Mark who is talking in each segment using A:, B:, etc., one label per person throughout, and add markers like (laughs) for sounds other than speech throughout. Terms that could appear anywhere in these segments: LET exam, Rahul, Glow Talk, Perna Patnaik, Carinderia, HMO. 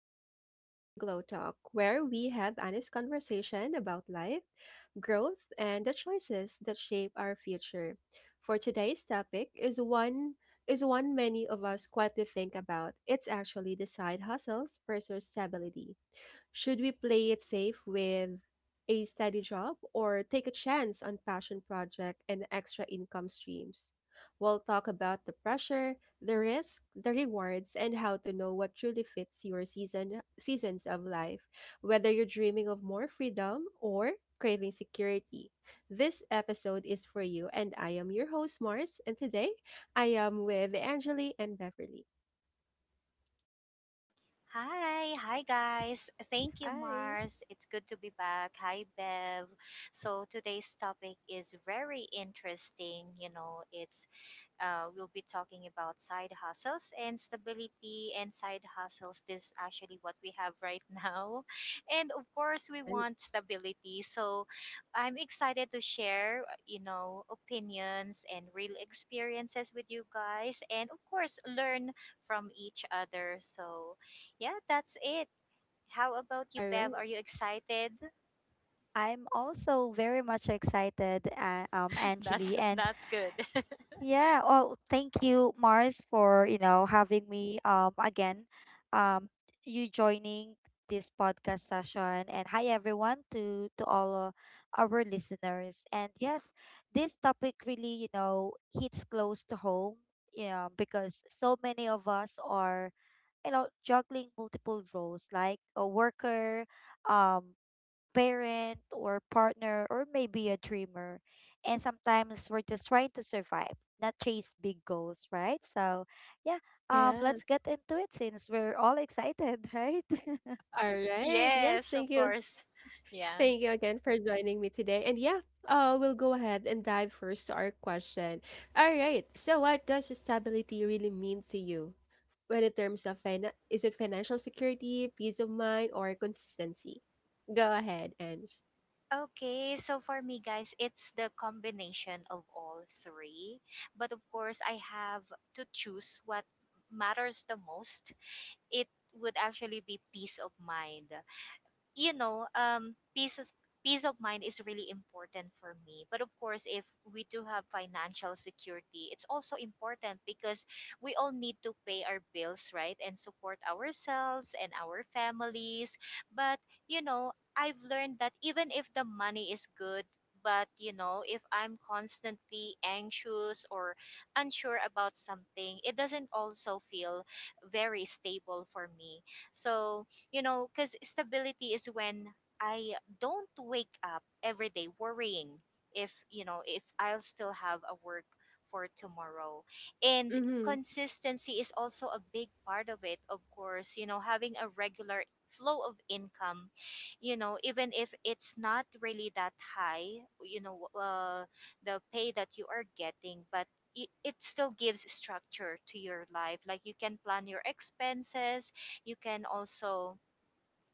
A: and welcome back to Glow Talk, where we have honest conversation about life, growth, and the choices that shape our future. For today's topic is one many of us quietly think about. It's actually the side hustles versus stability. Should we play it safe with a steady job or take a chance on passion project and extra income streams? We'll talk about the pressure, the risk, the rewards, and how to know what truly fits your seasons of life, whether you're dreaming of more freedom or craving security. This episode is for you, and I am your host, Mars, and today I am with Angeli and Beverly.
B: Hi, hi guys. Thank you,
C: Hi.
B: Mars. It's good to be back. Hi, Bev. So today's topic is very interesting. You know, it's we'll be talking about side hustles and stability and side hustles. This is actually what we have right now. (laughs) And of course, we
A: Right.
B: want stability. So I'm excited to share, opinions and real experiences with you guys. And of course, learn from each other. So yeah, that's it. How about you,
A: All
B: Bev?
A: right.
B: Are you excited?
C: I'm also very much excited,
B: (laughs)
C: Angeli,
B: That's
C: and
B: that's good. (laughs)
C: yeah, well, thank you, Mars, for having me again, um, you joining this podcast session, and hi everyone to all our listeners, and yes, this topic really hits close to home, you know, because so many of us are juggling multiple roles like a worker, um parent or partner or maybe a dreamer. And sometimes we're just trying to survive, not chase big goals, right? So, yeah, let's
A: Yes.
C: get into it since we're all excited, (laughs) right?
A: All right. Yes.
B: Yes,
A: Thank
B: of
A: you
B: course. Yeah.
A: Thank you again for joining me today. And yeah, we'll go ahead and dive first to our question. All right. So, what does stability really mean to you? When in terms of is it financial security, peace of mind, or consistency? Go ahead, Ange.
B: Okay, so for me, guys, it's the combination of all three. But of course, I have to choose what matters the most. It would actually be peace of mind. you know, um, peace is, Peace of mind is really important for me. But of course, if we do have financial security, it's also important because we all need to pay our bills, right, and support ourselves and our families. But I've learned that even if the money is good. But if I'm constantly anxious or unsure about something, it doesn't also feel very stable for me. So, because stability is when I don't wake up every day worrying if, you know, if I'll still have a work for tomorrow. And
A: Mm-hmm.
B: consistency is also a big part of it, of course, having a regular flow of income, even if it's not really that high, you know, uh, the pay that you are getting, but it still gives structure to your life. Like you can plan your expenses, you can also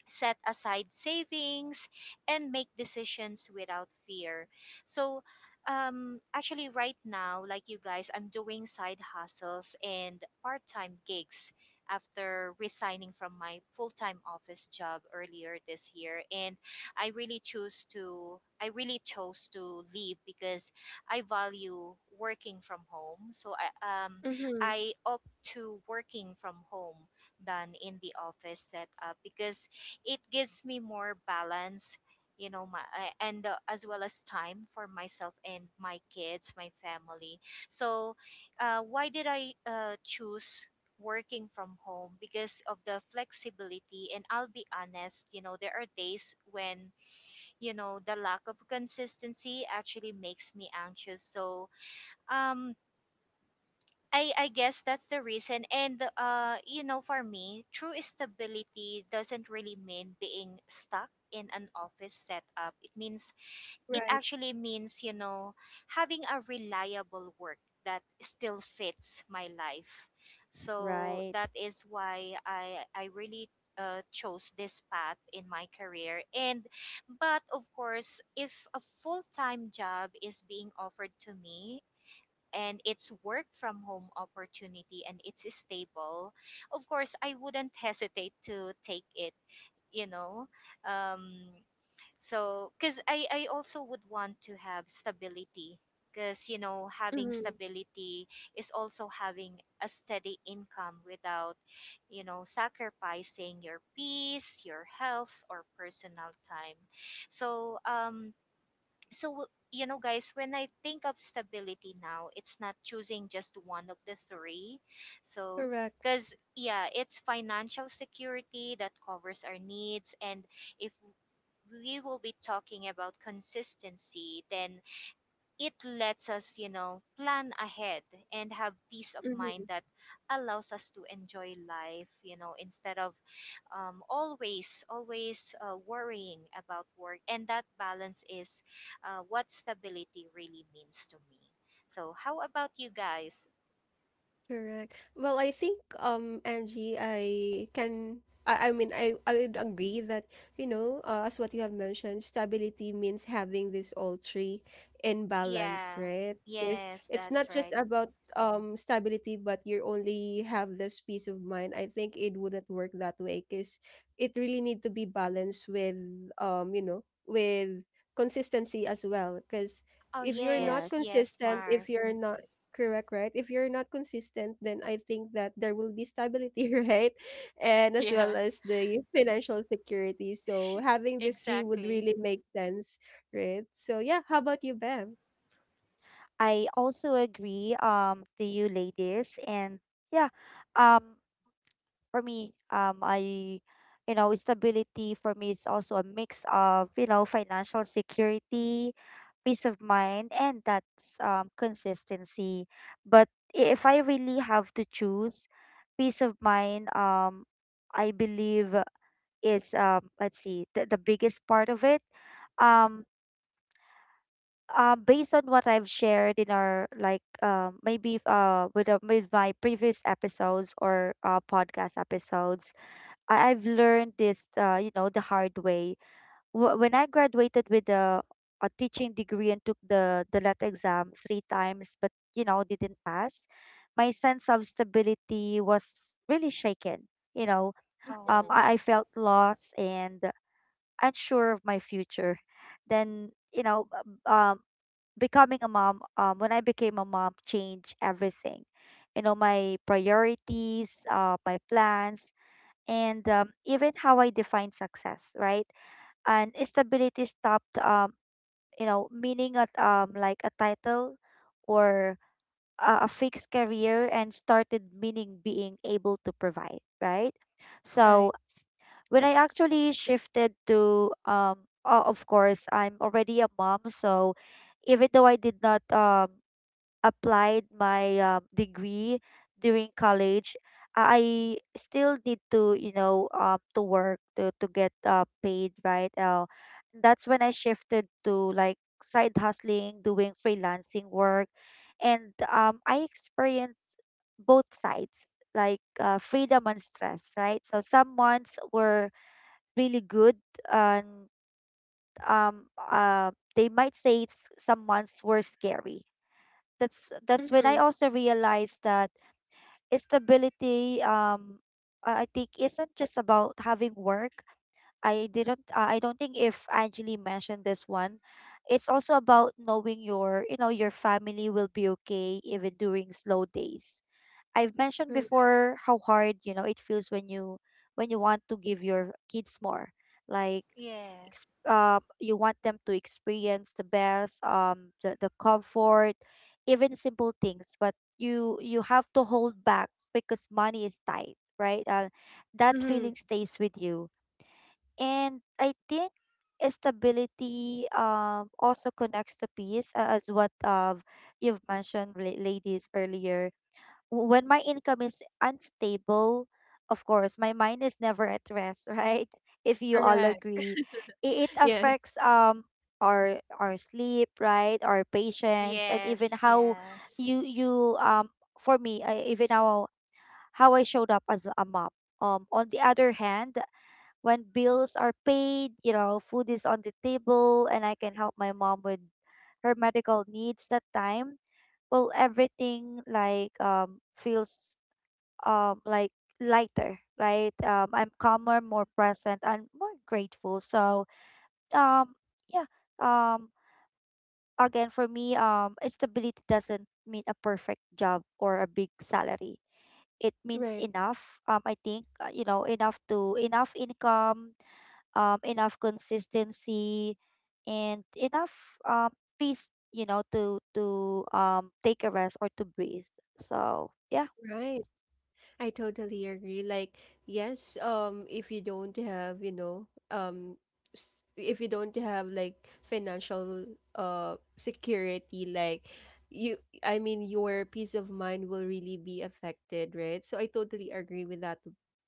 B: set aside savings and make decisions without fear. So, actually, right now, like you guys, I'm doing side hustles and part-time gigs after resigning from my full-time office job earlier this year, and I really chose to leave because I value working from home. so i
C: Yeah.
B: um
A: Mm-hmm.
B: i opt to working from home than in the office setup because it gives me more balance, you know my I- and as well as time for myself and my kids, my family. So, why did I choose working from home? Because of the flexibility. And I'll be honest, there are days when the lack of consistency actually makes me anxious. So um I I guess that's the reason. And for me, true stability doesn't really mean being stuck in an office setup. It means it
A: Right.
B: actually means, you know, having a reliable work that still fits my life. So
C: Right.
B: that is why I really chose this path in my career, and but of course, if a full-time job is being offered to me and it's work from home opportunity and it's stable, of course, I wouldn't hesitate to take it, you know. Um, so, because I also would want to have stability. Because, having
A: Mm-hmm.
B: stability is also having a steady income without sacrificing your peace, your health, or personal time. So, um, so, guys, when I think of stability now, it's not choosing just one of the three. So,
A: Correct.
B: because yeah, it's financial security that covers our needs. And if we will be talking about consistency, then it lets us plan ahead and have peace of mind that allows us to enjoy life, instead of always worrying about work. And that balance is what stability really means to me. So, how about you guys?
A: Correct. Well, I think Angie, I mean, I would agree that as what you have mentioned, stability means having this all three in balance,
B: Yeah,
A: right? Because
B: yes,
A: it's not
B: that's
A: just
B: right.
A: about stability, but you only have this peace of mind. I think it wouldn't work that way because it really need to be balanced with you know with consistency as well. Because
B: Oh,
A: if you're not
B: yes,
C: Yes.
B: yes,
A: consistent, if you're
B: Mars.
A: not Correct, right? If you're not consistent, then I think that there will be stability, (laughs) right? And
B: (laughs)
A: as well
B: Yeah,
A: as the financial security. So having these three would
B: exactly.
A: really make sense, right? So yeah, how about you, Bev?
C: I also agree to you ladies. And yeah. Um for me, you know, stability for me is also a mix of, you know, financial security, peace of mind, and that's consistency. But if I really have to choose, peace of mind, I believe is, let's see, the biggest part of it. Um, based on what I've shared in our like maybe with my previous episodes or podcast episodes, I've learned this, you know, the hard way. When I graduated with a teaching degree and took the LET exam three times, but you know, didn't pass, my sense of stability was really shaken. You know,
B: Oh,
C: I felt lost and unsure of my future. Then, you know, becoming a mom, when I became a mom, changed everything. You know, my priorities, my plans and even how I define success, right? And stability stopped, you know, meaning at like a title or a fixed career, and started meaning being able to provide, right? So
A: Right.
C: when I actually shifted to, of course, I'm already a mom, so even though I did not applied my degree during college, I still need to you know to work to get paid, right? That's when I shifted to like side hustling, doing freelancing work, and I experienced both sides, like freedom and stress, right? So some ones were really good, and they might say it's, some ones were scary. That's when I
A: Mm-hmm.
C: also realized that stability I think isn't just about having work. I didn't I don't think if Anjali mentioned this one. It's also about knowing your you know your family will be okay even during slow days. I've mentioned
A: Correct.
C: before how hard you know it feels when you want to give your kids more. Like
B: yeah.
C: you want them to experience the best the comfort, even simple things, but you have to hold back because money is tight, right? That
A: Mm-hmm.
C: feeling stays with you. And I think stability also connects to peace, as what you've mentioned ladies earlier. When my income is unstable, of course, my mind is never at rest, right? (laughs) If you all
A: Correct.
C: agree, it
A: Yes.
C: affects our sleep, right? Our patience, and even
B: Yes,
C: how
B: yes,
C: you you for me, I, even how I showed up as a mom. On the other hand, when bills are paid, you know, food is on the table and I can help my mom with her medical needs that time. Well, everything feels like lighter, right? Um, I'm calmer, more present and more grateful. So, um yeah, um again for me, stability doesn't mean a perfect job or a big salary. It means
A: Right.
C: enough. Um, I think, you know, enough income, enough consistency, and enough peace, you know, to take a rest or to breathe. So yeah.
A: Right. I totally agree. Like, yes, if you don't have, you know, if you don't have like financial security, like you, I mean, your peace of mind will really be affected, right? So I totally agree with that.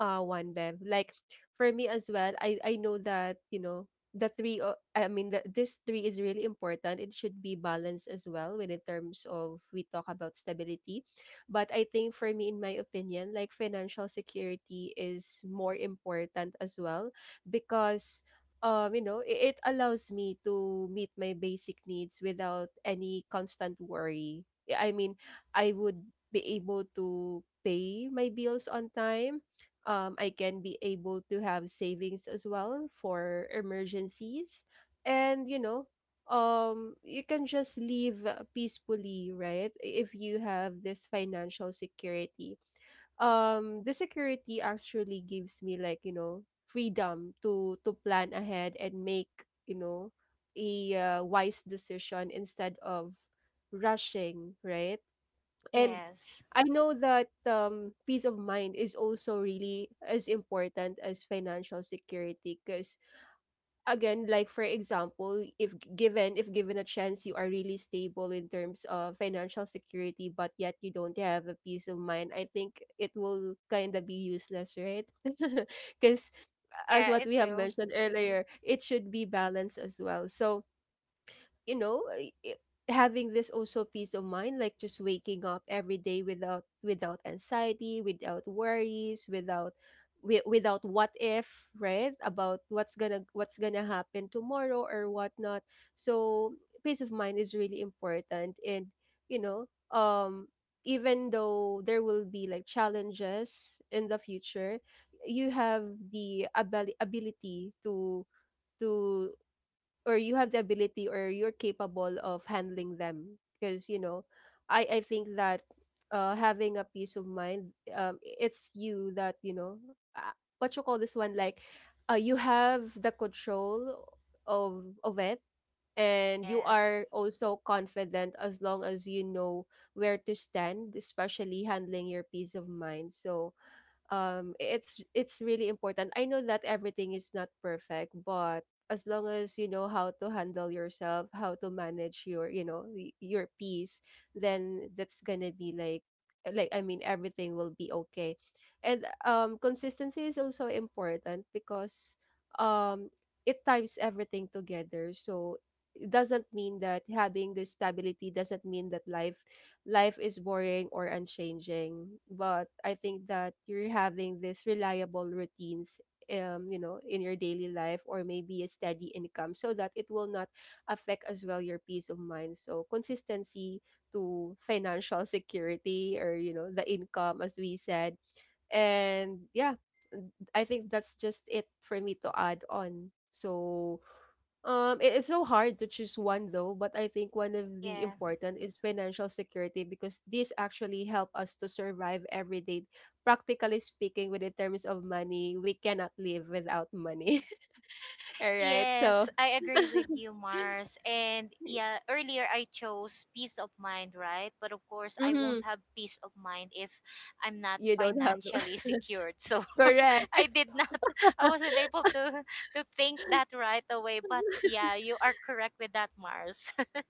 A: One Bev. Like for me as well, I know that you know the three. I mean, this three is really important. It should be balanced as well when in terms of we talk about stability, but I think for me, in my opinion, like financial security is more important as well because you know, it allows me to meet my basic needs without any constant worry. Yeah, I mean, I would be able to pay my bills on time. I can be able to have savings as well for emergencies. And, you know, you can just leave peacefully, right? If you have this financial security, the security actually gives me like you know freedom to plan ahead and make, you know, a wise decision instead of rushing, right? And
B: yes.
A: I know that peace of mind is also really as important as financial security because again, like for example, if given a chance you are really stable in terms of financial security but yet you don't have a peace of mind, I think it will kind of be useless, right? (laughs) Because as
B: Yeah,
A: what
B: it
A: we have
B: will.
A: mentioned earlier, it should be balanced as well. So, you know, having this also peace of mind, like just waking up every day without anxiety, without worries, without what if, right? About what's gonna happen tomorrow or whatnot. So peace of mind is really important. And you know, even though there will be like challenges in the future, you have the ability to to or you have the ability or you're capable of handling them because you know, I think that having a peace of mind, it's you that you know, uh, what you call this one, like you have the control of it, and you
B: Yeah.
A: are also confident as long as you know where to stand, especially handling your peace of mind. So it's really important. I know that everything is not perfect, but as long as you know how to handle yourself, how to manage your, you know, your peace, then that's gonna be like I mean, everything will be okay. And consistency is also important because um it ties everything together. So it doesn't mean that having the stability doesn't mean that life is boring or unchanging. But I think that you're having this reliable routines, you know, in your daily life or maybe a steady income, so that it will not affect as well your peace of mind. So consistency to financial (laughs) security or you know the income as we said. And yeah, I think that's just it for me to add on. So it, it's so hard to choose one though, but I think one of the
B: Yeah.
A: important is financial security because these actually help us to survive every day. Practically speaking, with the terms of money, we cannot live without money. (laughs) All right,
B: Yes,
A: so
B: I agree with you, Mars. And yeah, earlier I chose peace of mind, right? But of course, I
A: mm-hmm,
B: won't have peace of mind if I'm not
A: you don't have
B: financially secured. So (laughs) I
A: correct.
B: did not, I wasn't able to think that right away. But yeah, you are correct with that, Mars. (laughs)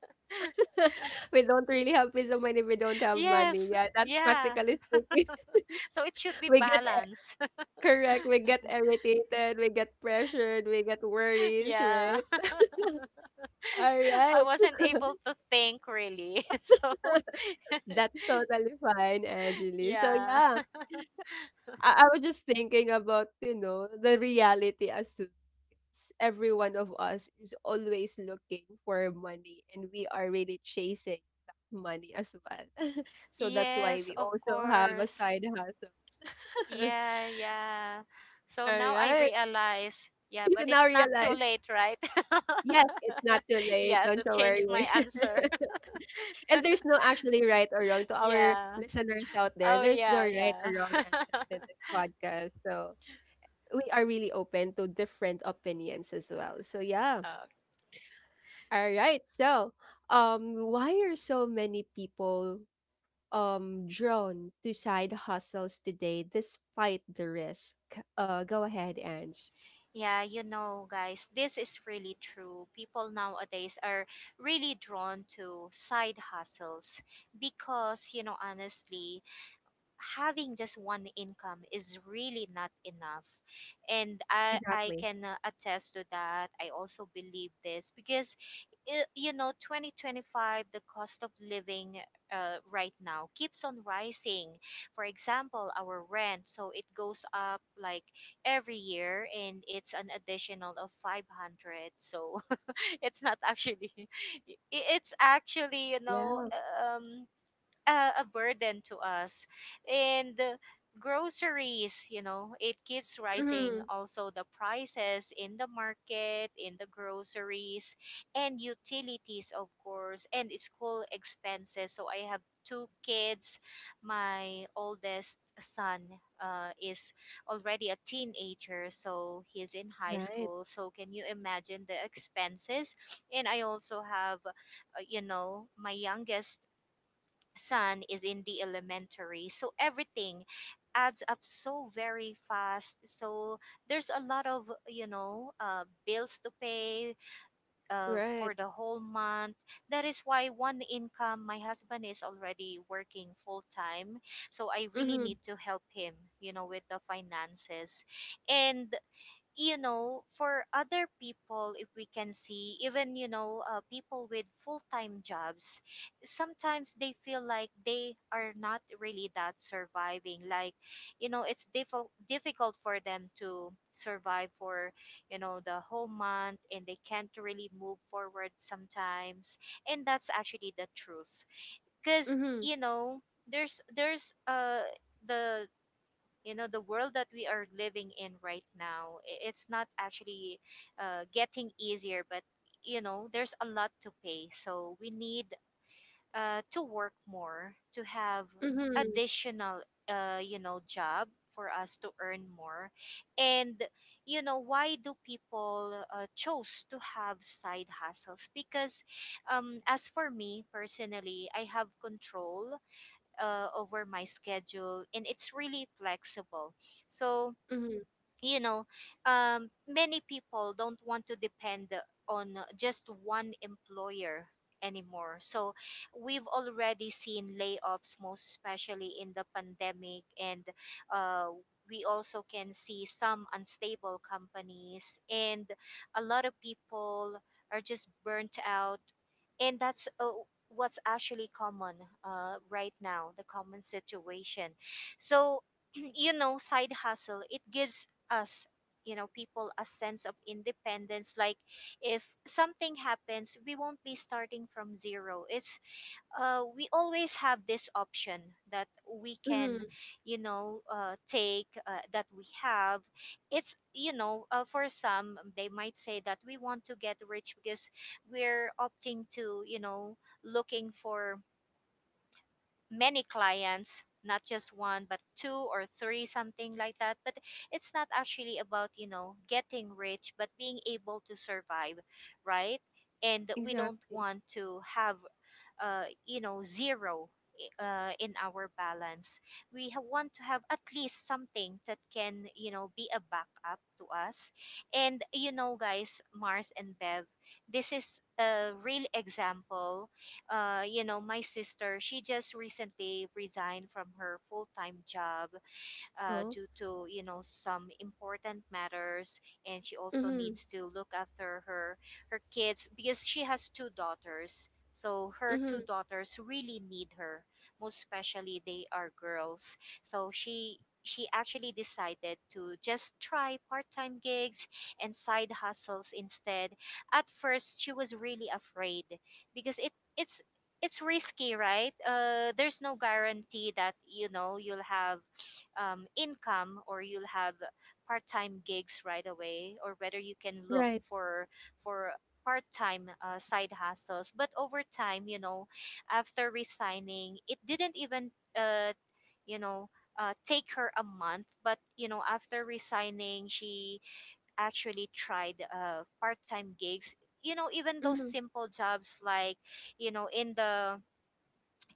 A: (laughs) We don't really have peace of mind if we don't have money.
B: Yes.
A: Yeah, that's
B: Yeah.
A: practically speaking.
B: So it should
A: (laughs)
B: be
A: we get e-
B: balance.
A: Correct. We get irritated. We get pressured. We get
B: (laughs)
A: worries.
B: Yeah.
A: Right. (laughs)
B: (laughs)
A: All right.
B: I wasn't able to think really. (laughs) So (laughs)
A: That's totally fine, Angeli. So
B: Yeah.
A: yeah,
B: (laughs)
A: I was just thinking about, you know, the reality as to every one of us is always looking for money and we are really chasing that money as well. (laughs) So that's why
B: Yes,
A: we
B: of
A: also have a
B: course.
A: side hustle.
B: Yeah, yeah.
A: (laughs)
B: So
A: All
B: now I
A: right.
B: realize, yeah,
A: You
B: but
A: now
B: it's not too
A: realize
B: late, right?
A: yes, it's not
B: (laughs)
A: too late,
B: Yeah,
A: don't
B: to
A: you
B: change my
A: worry.
B: answer.
A: (laughs) And there's
B: (laughs)
A: no actually right or wrong to our
B: Yeah.
A: listeners out there.
B: Oh,
A: There's no
B: yeah,
A: right or
B: yeah.
A: wrong
B: (laughs)
A: answer to this podcast. So we are really open to different opinions as well. So yeah.
B: Okay.
A: All right. So why are so many people drawn to side hustles today despite the risk? Go ahead, Ange.
B: Yeah, guys, this is really true. People nowadays are really drawn to side hustles because, honestly, having just one income is really not enough. And I
A: Exactly.
B: can attest to that. I also believe this because 2025, the cost of living right now keeps on rising. For example, our rent, so it goes up like every year, and it's an additional of 500. So (laughs) it's not actually (laughs) i- it's actually,
A: Yeah.
B: um a burden to us. And groceries, it keeps rising.
A: Mm-hmm.
B: Also, the prices in the market, in the groceries, and utilities, of course, and school expenses. So, I have two kids. My oldest son is already a teenager, so he's in high
A: Right.
B: school. So, can you imagine the expenses? And I also have my youngest son is in the elementary. So everything adds up so very fast. So there's a lot of, bills to pay
A: Right.
B: for the whole month. That is why one income, my husband is already working full time. So I really
A: Mm-hmm.
B: need to help him, with the finances. And for other people, if we can see, even, people with full time jobs, sometimes they feel like they are not really that surviving. Like, it's difficult for them to survive for, the whole month, and they can't really move forward sometimes. And that's actually the truth. Because,
A: Mm-hmm.
B: you know, there's the you know the world that we are living in right now. It's not actually getting easier, but there's a lot to pay, so we need to work more, to have
A: Mhm,
B: additional job for us to earn more. And why do people chose to have side hustles? Because as for me personally, I have control over my schedule, and it's really flexible. So
A: mhm,
B: you know many people don't want to depend on just one employer anymore. So we've already seen layoffs, most especially in the pandemic, and uh, we also can see some unstable companies, and a lot of people are just burnt out. And that's what's actually common right now, the common situation. So (clears throat) side hustle, it gives us, people, a sense of independence. Like if something happens, we won't be starting from zero. It's we always have this option that we can
A: mhm.
B: take, that we have. It's for some, they might say that we want to get rich because we're opting to looking for many clients, not just one, but two or three, something like that. But it's not actually about getting rich, but being able to survive, right? And we don't
A: Exactly.
B: want to have zero in our balance. We want to have at least something that can, be a backup to us. And guys, Mars and Bev, this is a real example. My sister, she just recently resigned from her full-time job
A: Oh.
B: due to some important matters. And she also
A: Mhm,
B: needs to look after her kids because she has two daughters, so her two
A: mhm.
B: daughters really need her, most especially they are girls. So she actually decided to just try part-time gigs and side hustles instead. At first, she was really afraid because it's it's risky, right? Uh, there's no guarantee that you'll have income, or you'll have part-time gigs right away, or whether you can look
A: Right.
B: for part-time side hustles. But over time, after resigning, it didn't even uh, you know take her a month. But after resigning, she actually tried part-time gigs, even those
A: Mhm.
B: simple jobs, like in the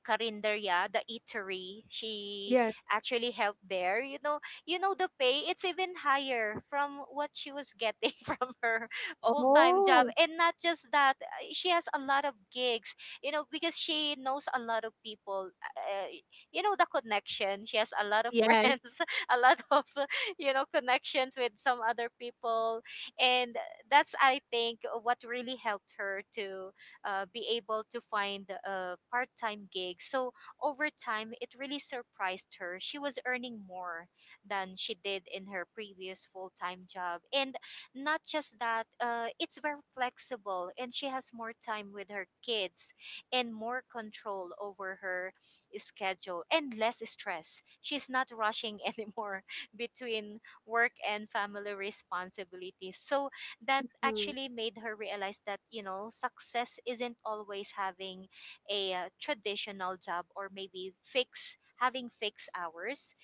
B: Carinderia, the eatery. She
A: Yes.
B: actually helped there. You know, the pay, it's even higher from what she was getting (laughs) from her full-time job.
A: Oh,
B: And not just that, she has a lot of gigs, because she knows a lot of people. Uh, the connection. She has a lot of (laughs)
A: yes.
B: friends, a lot of, (laughs) connections with some other people. And that's, I think, what really helped her to be able to find a part-time gig. So over time, it really surprised her. She was earning more than she did in her previous full-time job, and not just that, it's very flexible, and she has more time with her kids and more control over her schedule and less stress. She's not rushing anymore (laughs) between work and family responsibilities. So that
A: Mhm.
B: actually made her realize that success isn't always having a traditional job, or maybe fix having fixed hours.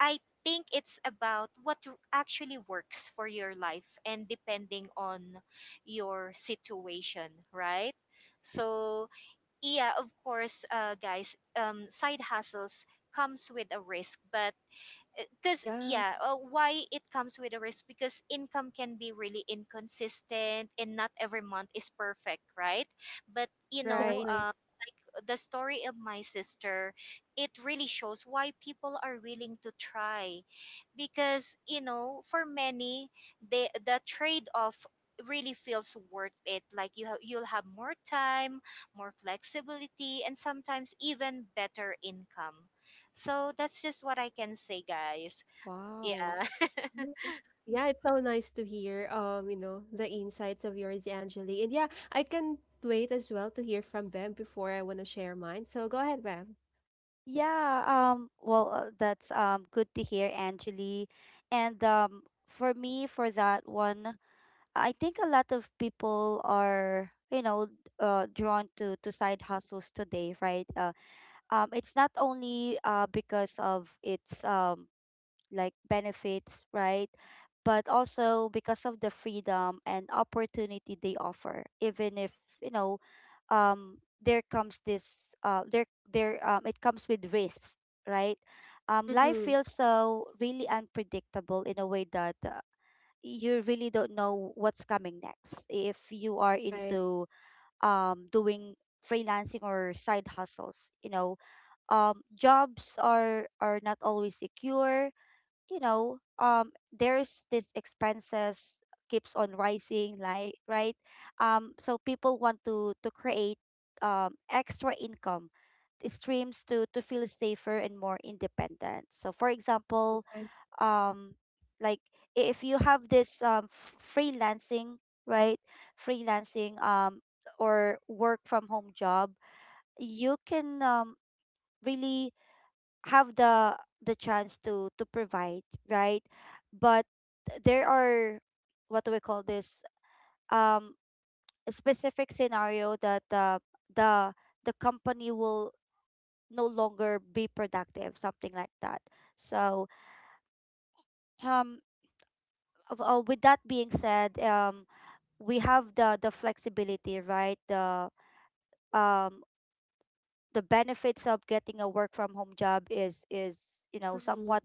B: I think it's about what actually works for your life, and depending on your situation, right? So, yeah, of course, guys, side hustles comes with a risk. But because, yeah,
A: Yes,
B: why it comes with a risk, because income can be really inconsistent and not every month is perfect, right? But
C: Right.
A: exactly.
B: the story of my sister, it really shows why people are willing to try, because for many, the trade off really feels worth it. Like, you'll have more time, more flexibility, and sometimes even better income. So that's just what I can say, guys.
C: Wow.
B: Yeah. (laughs)
A: Yeah, yeah, it's so nice to hear, you know, the insights of yours, Angeli. And yeah, I can wait as well to hear from Bev before I want to share mine. So go ahead, Bev.
C: Yeah, well, that's good to hear, Angeli. And for me for that one, I think a lot of people are, you know, drawn to side hustles today, right? It's not only because of its like benefits, right? But also because of the freedom and opportunity they offer, even if you know, there comes this, there, there, it comes with risks, right? Life
A: Mm-hmm.
C: feels so really unpredictable in a way that you really don't know what's coming next if you are
A: Right,
C: into doing freelancing or side hustles. You know, um, jobs are not always secure you know, there's this expenses keeps on rising, like right. So people want to create extra income streams to feel safer and more independent. So, for example,
A: right.
C: um, like if you have this right, freelancing or work from home job, you can really have the chance to provide, right? But there are what do we call this um a specific scenario that the company will no longer be productive, something like that. So um, with that being said, we have the flexibility, right? The um the benefits of getting a work from home job is you know
A: Mm-hmm.
C: somewhat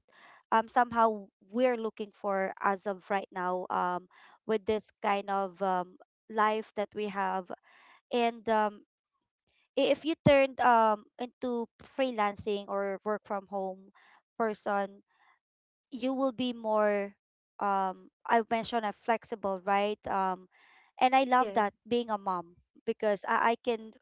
C: somehow we're looking for as of right now, with this kind of life that we have. And um, if you turned into freelancing or work from home person, you will be more I mentioned a flexible, right? Um, and I love that
A: Yes,
C: being a mom, because I can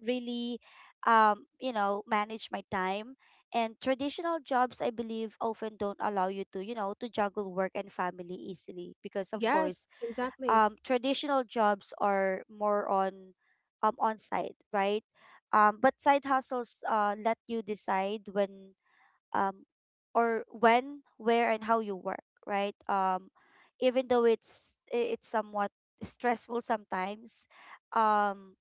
C: really you know manage my time. And traditional jobs I believe often don't allow you to you know to juggle work and family easily, because of course
A: yes, exactly.
C: traditional jobs are more on site, right? But side hustles let you decide when um or when, where and how you work, right? Even though it's it's somewhat stressful sometimes, um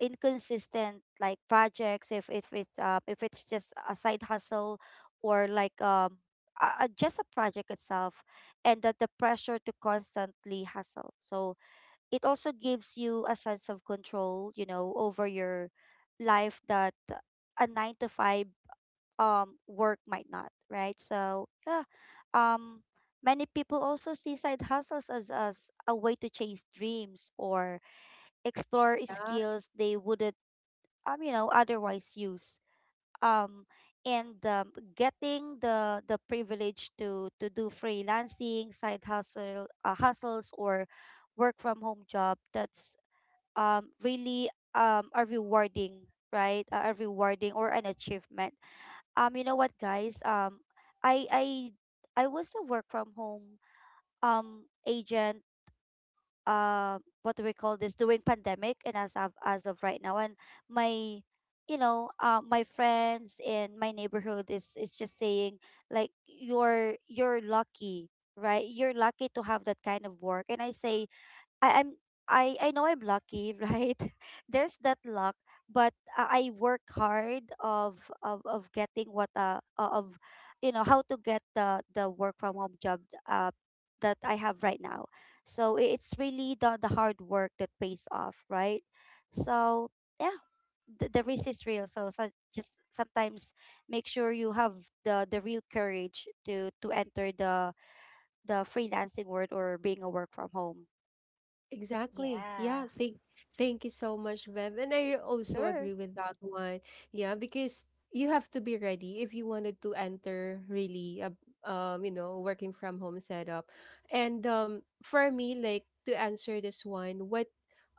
C: inconsistent like projects, if it's just a side hustle or just a project itself, and that the pressure to constantly hustle. So it also gives you a sense of control, you know, over your life that a 9 to 5 work might not, right? So yeah. Um, many people also see side hustles as a way to chase dreams or explore
A: Yeah.
C: skills they wouldn't you know otherwise use. Um, and getting the privilege to do freelancing, side hustles, or work from home job, that's really a rewarding, right, a rewarding or an achievement. You know what, guys, i i I was a work from home agent, what do we call this, during pandemic and as of right now. And my you know my friends and my neighborhood is just saying like you're lucky, right? You're lucky to have that kind of work. And I say I, I'm I know I'm lucky, (laughs) right? There's that luck, but I work hard of getting what of you know how to get the work from home job uh that I have right now. So it's really the hard work that pays off, right? So yeah, the risk is real. So, so just sometimes make sure you have the real courage to enter the freelancing world or being a work from home.
A: Exactly. Yeah.
B: Yeah.
A: Thank you so much, Bev. And I also
C: Sure.
A: agree with that one. Yeah, because you have to be ready if you wanted to enter really a you know, working from home setup. And for me, like to answer this one, what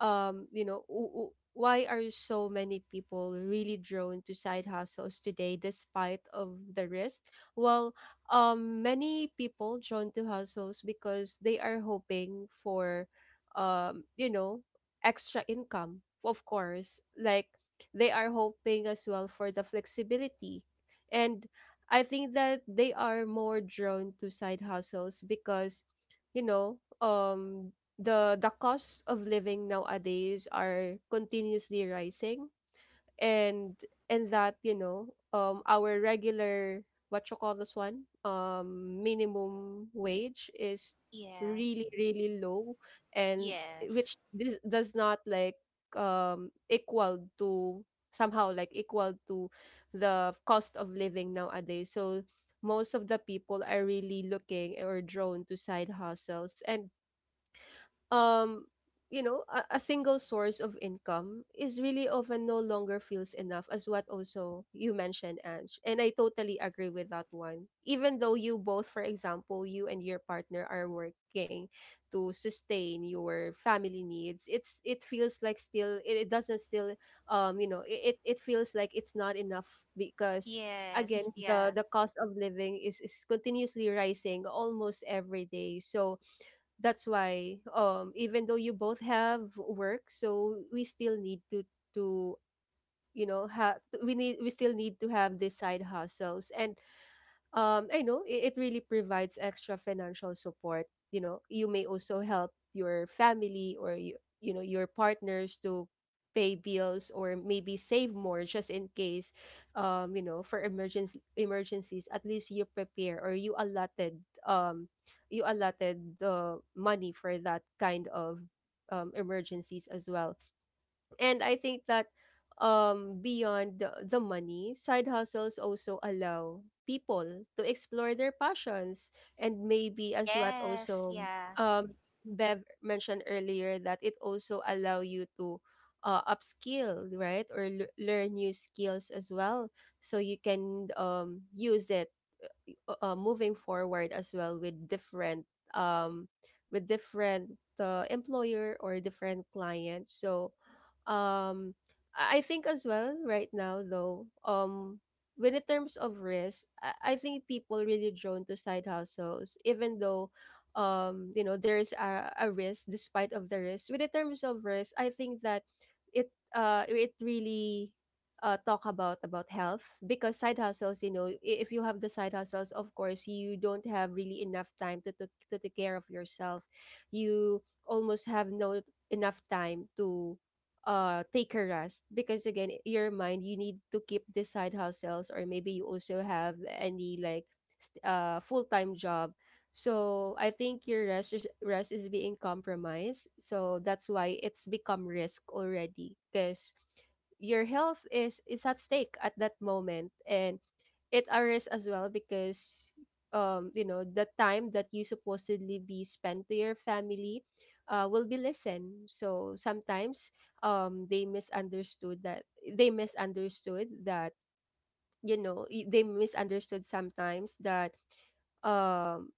A: you know, why are so many people really drawn to side hustles today despite of the risk? Well, many people drawn to hustles because they are hoping for you know extra income, of course, like they are hoping as well for the flexibility. And I think that they are more drawn to side hustles because you know, the cost of living nowadays are continuously rising, and and that you know our regular, what you call this one, minimum wage is
B: Yeah.
A: really really low, and
B: Yes.
A: which this does not like equal to, somehow like equal to the cost of living nowadays. So most of the people are really looking or drawn to side hustles. And um you know, a single source of income is really often no longer feels enough, as what also you mentioned, Ange, and I totally agree with that one. Even though you both, for example, you and your partner are working to sustain your family needs, it feels like still it doesn't still, you know, it it feels like it's not enough. Because again,
B: Yes. Yeah.
A: the cost of living is continuously rising almost every day. So that's why even though you both have work, so we still need to to you know have, we still need to have these side hustles. And I know, it really provides extra financial support. You know, you may also help your family, or you know, your partners to pay bills or maybe save more just in case, you know, for emergency emergencies. At least you prepare or you allotted, um you allotted the money for that kind of emergencies as well. And I think that beyond the money, side hustles also allow people to explore their passions. And maybe as what
B: Yes.
A: also
B: Yeah.
A: um Bev mentioned earlier that it also allow you to upskill, right? Learn new skills as well, so you can use it, moving forward as well, um with different employer or different clients. So um i I think as well right now though, when in terms of risk, I think people really drawn to side hustles, even though you know there's a risk. Despite of the risk, with in terms of risk, I think that it really talk about health, because side hustles, you know, if you have the side hustles, of course you don't have really enough time to, to take care of yourself. You almost have no enough time to take a rest, because again, your mind, you need to keep the side hustles, or maybe you also have any like full-time job. So I think your rest is being compromised. So that's why it's become risk already, because your health is at stake at that moment. And it are risk as well because you know the time that you supposedly be spent to your family will be listened. So sometimes they misunderstood that. they misunderstood that you know, they misunderstood sometimes that, um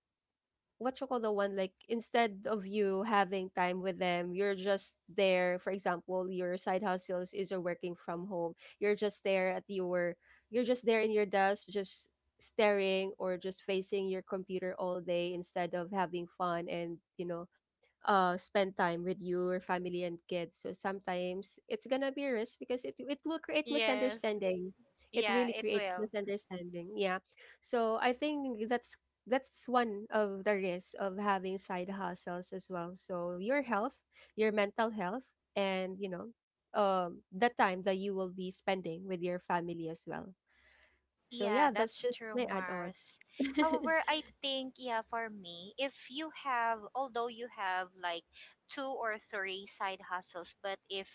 A: what you call the one, like instead of you having time with them, you're just there. For example, your side hustles is you're working from home, you're just there at your, you're just there in your desk, just staring or just facing your computer all day instead of having fun and, you know, spend time with your family and kids. So sometimes it's gonna be a risk, because it will create
B: Yes.
A: misunderstanding. It
B: Yeah,
A: really
B: it
A: creates
B: will.
A: misunderstanding, yeah. So I think that's one of the risks of having side hustles as well. So your health, your mental health, and you know, the time that you will be spending with your family as well. So
B: Yeah,
A: yeah, that's
B: that's
A: just
B: true,
A: my add-on.
B: Mars.
A: (laughs)
B: However, I think, yeah, for me, if you have, although you have like two or three side hustles, but if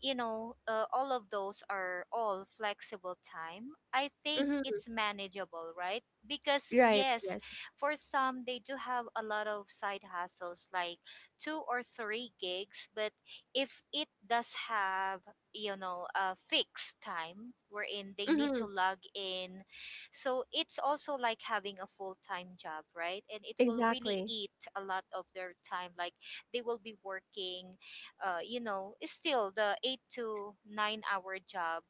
B: all of those are all flexible time, I think
A: Hmm.
B: it's manageable, right? Because,
A: Right,
B: yes,
A: yes.
B: for some, they do have a lot of side hustles, like two or three gigs. But if it does have, a fixed time wherein they need to
A: Hmm.
B: log in, so it's also like having a full time job, right? And it will really
A: Exactly.
B: eat a lot of their time. Like, they will be working, is still the 8 to 9 hour job,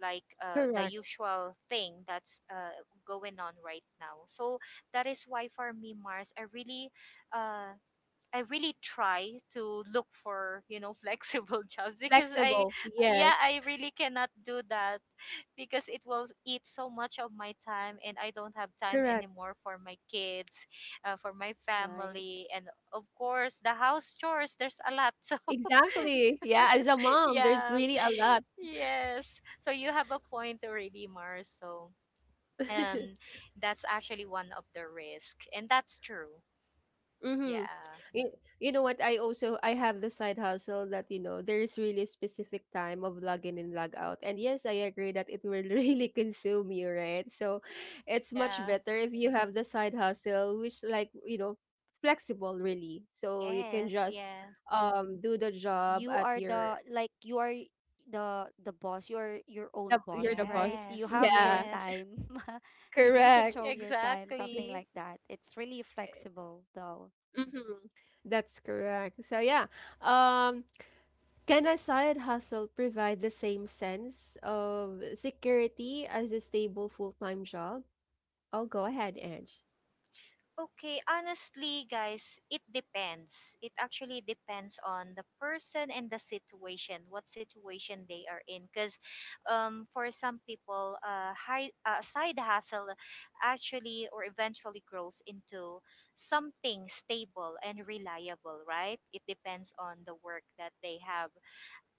B: like the
A: Correct.
B: usual thing that's going on right now. So that is why, for me, Mars, uh, I really try to look for, (laughs) flexible jobs, because I,
A: Flexible.
B: yeah,
A: Yes.
B: I really cannot do that because it will eat so much of my time and I don't have time
A: Correct.
B: anymore for my kids, for my
C: Right.
B: family, and of course the house chores. There's a lot, (laughs) so
A: Exactly. Yeah, as a mom, there's
B: yeah.
A: really a
B: (laughs)
A: lot.
B: Yes. So you have a point already, Mars. So, and
A: (laughs)
B: that's actually one of the risk. And that's true.
A: Mm-hmm.
B: Yeah.
A: You, you know what? I also I have the side hustle that, you know, there is really specific time of log in and log out. And yes, I agree that it will (laughs) really consume you, right? So it's much
B: Yeah.
A: better if you have the side hustle, which, like, you know, flexible really, so you can
B: Yes,
A: just
B: yeah.
A: do the job
C: You
A: at
C: are the
A: your,
C: like you are y- the boss. You are your own
A: the, you're
C: boss,
A: the
C: right?
A: boss.
C: You
A: (laughs)
B: Yes,
C: have your
A: Yeah,
B: yes.
C: time. (laughs) You can
A: correct.
C: control your time, something
B: Exactly.
C: like that. It's really flexible though.
A: Mhm. That's correct. So yeah, um, can a side hustle provide the same sense of security as a stable full-time job? Oh, go ahead, Ange.
B: Okay, honestly, guys, it depends. It actually depends on the person and the situation, what situation they are in. Because for some people, side hustle actually or eventually grows into something stable and reliable, right? It depends on the work that they have,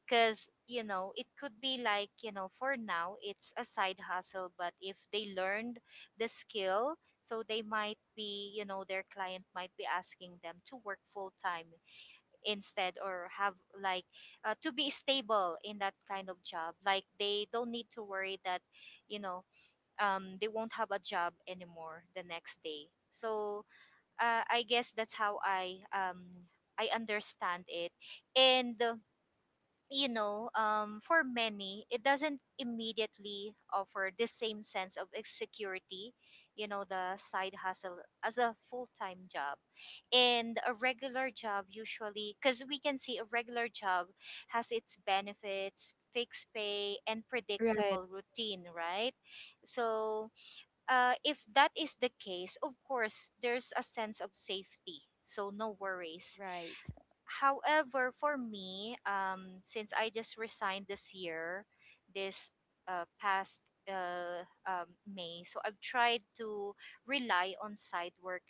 B: because it could be like, for now it's a side hustle. But if they learned the skill, so they might be you know their client might be asking them to work full time instead, or have, like to be stable in that kind of job, like they don't need to worry that you know they won't have a job anymore the next day. So, I guess that's how I understand it. And for many, it doesn't immediately offer the same sense of security, the side hustle, as a full time job. And a regular job, usually, because we can see a regular job has its benefits, fixed pay, and
A: Right.
B: predictable routine, right? So, if that is the case, of course, there's a sense of safety. So, no worries.
C: Right.
B: However, for me, since I just resigned this year, this past May. So I've tried to rely on side work.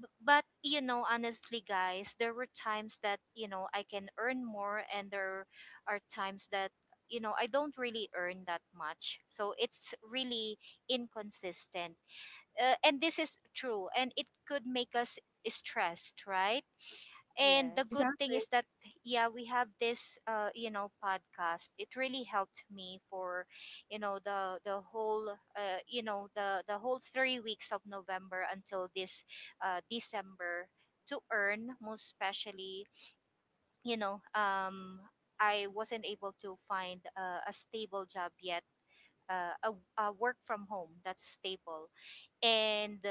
B: But, honestly, guys, there were times that I can earn more, and there are times that I don't really earn that much. So it's really inconsistent, and this is true, and it could make us stressed, right? And the good
C: Yes.
B: thing
A: Exactly.
B: is that, yeah, we have this podcast. It really helped me for you know the whole you know the whole 3 weeks of November until this December, to earn, most especially, you know um, I wasn't able to find a stable job yet. A work from home that's stable. And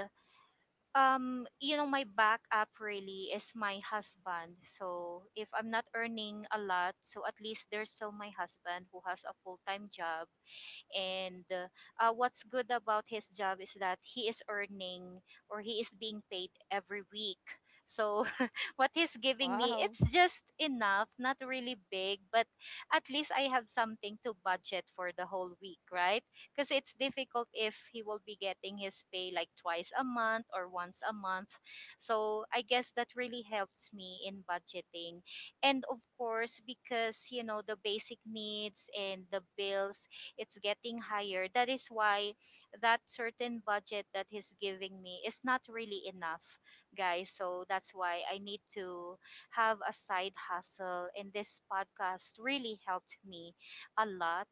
B: my backup really is my husband, so if I'm not earning a lot, so at least there's still my husband, who has a full-time job. And what's good about his job is that he is earning, or he is being paid every week. So (laughs) what he's giving me,
C: Wow.
B: it's just enough, not really big, but at least I have something to budget for the whole week, right? Because it's difficult if he will be getting his pay like twice a month or once a month. So I guess that really helps me in budgeting. And of course, because the basic needs and the bills, it's getting higher. That is why that certain budget that he's giving me is not really enough, guys. So that's why I need to have a side hustle. And this podcast really helped me a lot,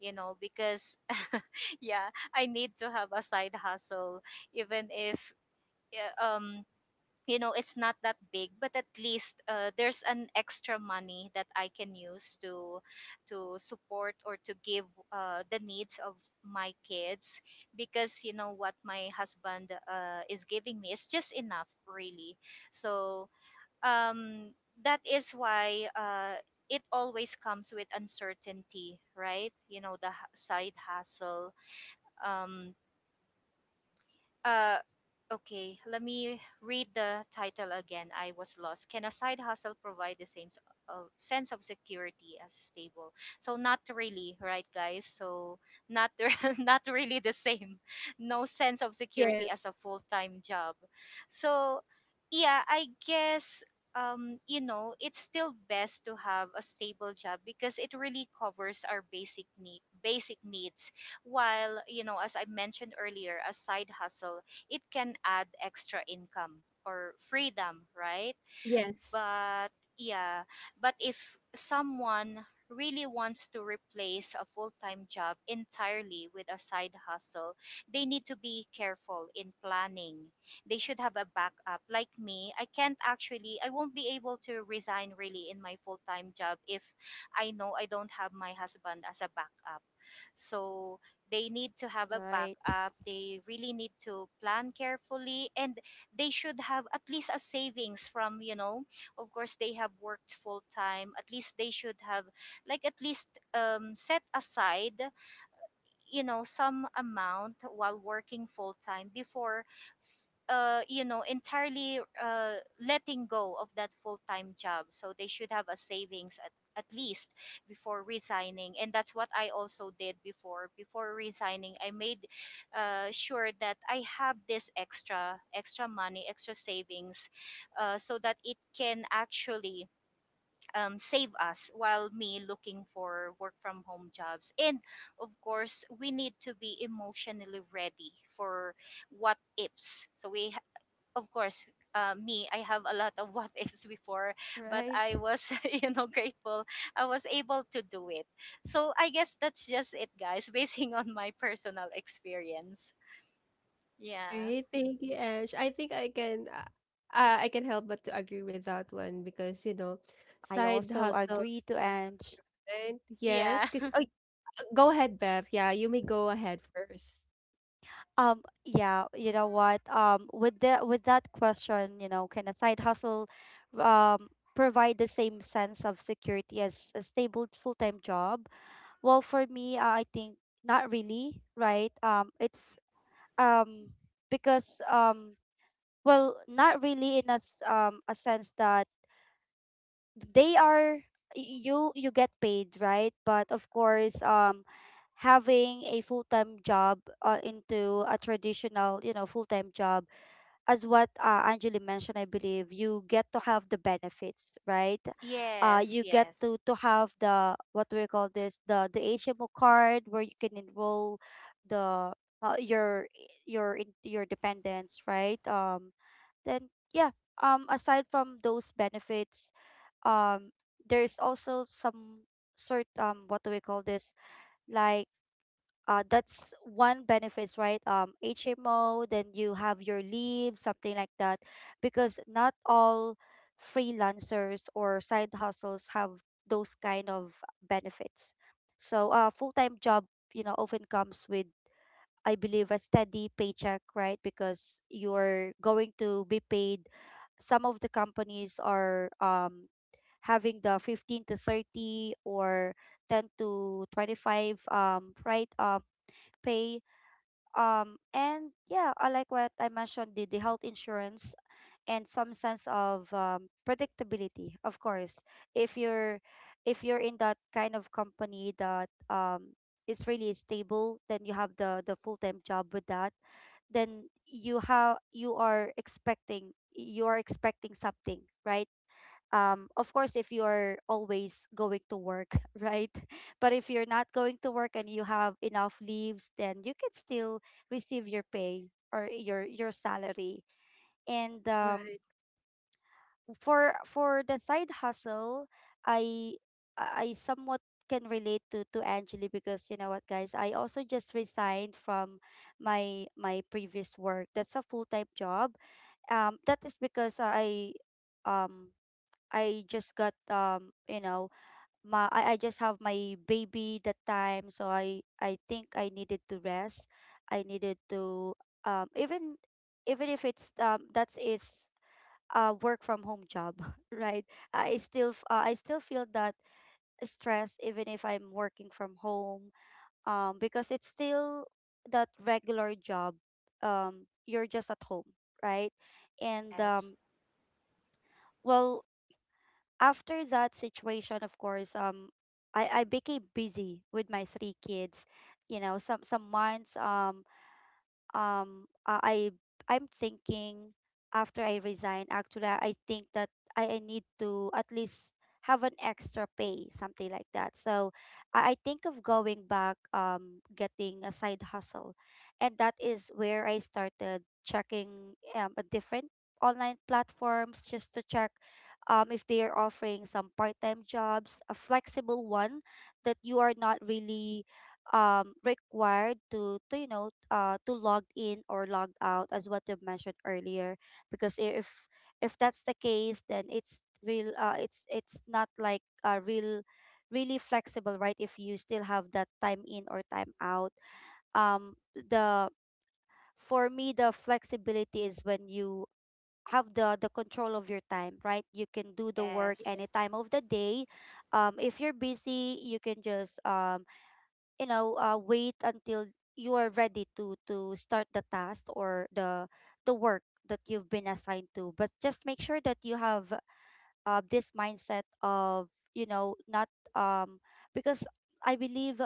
B: because (laughs) yeah, I need to have a side hustle, even if, yeah, it's not that big, but at least, there's an extra money that I can use to support or to give the needs of my kids, because, you know what, my husband is giving me is just enough, really. So um that is why it always comes with uncertainty, right? You know, the side hustle, um uh, okay, let me read the title again. I was lost. Can a side hustle provide the same s- of sense of security as stable? So not really, right, guys? So not (laughs) not really the same. No sense of security as
A: Yes.
B: a full time job. So yeah, I guess. It's still best to have a stable job because it really covers our basic need, basic needs, while, as I mentioned earlier, a side hustle, it can add extra income or freedom, right?
A: Yes.
B: But yeah but if someone really wants to replace a full-time job entirely with a side hustle, they need to be careful in planning. They should have a backup. Like me, I can't actually, I won't be able to resign really in my full-time job if I know I don't have my husband as a backup. So they need to have a
C: Right. (laughs)
B: backup. They really need to plan carefully, and they should have at least a savings from, of course, they have worked full time, at least. They should have, at least, set aside some amount while working full time before entirely letting go of that full-time job. So they should have a savings, at least, before resigning. And that's what I also did. Before resigning, I made sure that I have this extra money, extra savings, so that it can actually, save us while me looking for work from home jobs. And of course, we need to be emotionally ready for what ifs, so we of course, me, I have a lot of (laughs) what ifs before, but I
C: Right.
B: was, (laughs) grateful I was able to do it. So I guess that's just it, guys, (laughs) basing on my personal experience.
A: All
B: Yeah.
A: right. Thank you, Ange. I think I can help but to agree with that one, because, you know,
C: I
A: side
C: also agree
A: hustles,
C: to Ange.
A: right? Yes.
B: Yeah.
A: Because,
B: (laughs)
A: oh, go ahead, Beth. Yeah, you may go ahead first.
C: Yeah, you know what? With the with that question, you know, can a side hustle um provide the same sense of security as a stable full-time job? Well, for me, I think not really, right? It's um because well, not really in as a sense that they are you you get paid, right? But of course, having a full-time job into a traditional, you know, full-time job, as what Anjali mentioned, I believe you get to have the benefits, right?
B: Yes,
C: You get
B: yes,
C: to have the what do we call this, the HMO card where you can enroll the your your dependents, right? Then yeah. Aside from those benefits, um, there's also some sort what do we call this like that's one benefits, right? HMO, then you have your leave, something like that, because not all freelancers or side hustles have those kind of benefits. So a full-time job, you know, often comes with, I believe, a steady paycheck, right? Because you're going to be paid. Some of the companies are having the 15 to 30 or 10 to 25, pay. And yeah, I like what I mentioned, the health insurance and some sense of predictability. Of course, if you're if you're in that kind of company that is really stable, then you have the full time job with that. Then you are expecting something, right? Of course, if you're always going to work (laughs) right, but if you're not going to work and you have enough leaves, then you can still receive your pay or your salary. And
A: Right.
C: for the side hustle, i I somewhat can relate to Angeli, because you know what guys, I also just resigned from my previous work, that's a full-time job. That is because um I just got, you know, my I just have my baby that time, so I think I needed to rest, I needed to um even even if it's that's is a work from home job, (laughs) right? I still I still feel that stress even if I'm working from home, because it's still that regular job. You're just at home, right? And
B: yes,
C: well, after that situation, of course, I became busy with my three kids. You know, some months, um uh, I I'm thinking, after I resign, actually I think that I need to at least have an extra pay, something like that. So I think of going back, getting a side hustle. And that is where I started checking a different online platforms, just to check if they are offering some part-time jobs, a flexible one, that you are not really required to to log in or log out, as what you mentioned earlier. Because if that's the case, then it's not like a real, really flexible, right? If you still have that time in or time out. The For me, the flexibility is when you have the control of your time, right? You can do the work
B: yes,
C: any time of the day. If you're busy, you can just wait until you are ready to start the task or the work that you've been assigned to. But just make sure that you have this mindset of, you know, not. um because I believe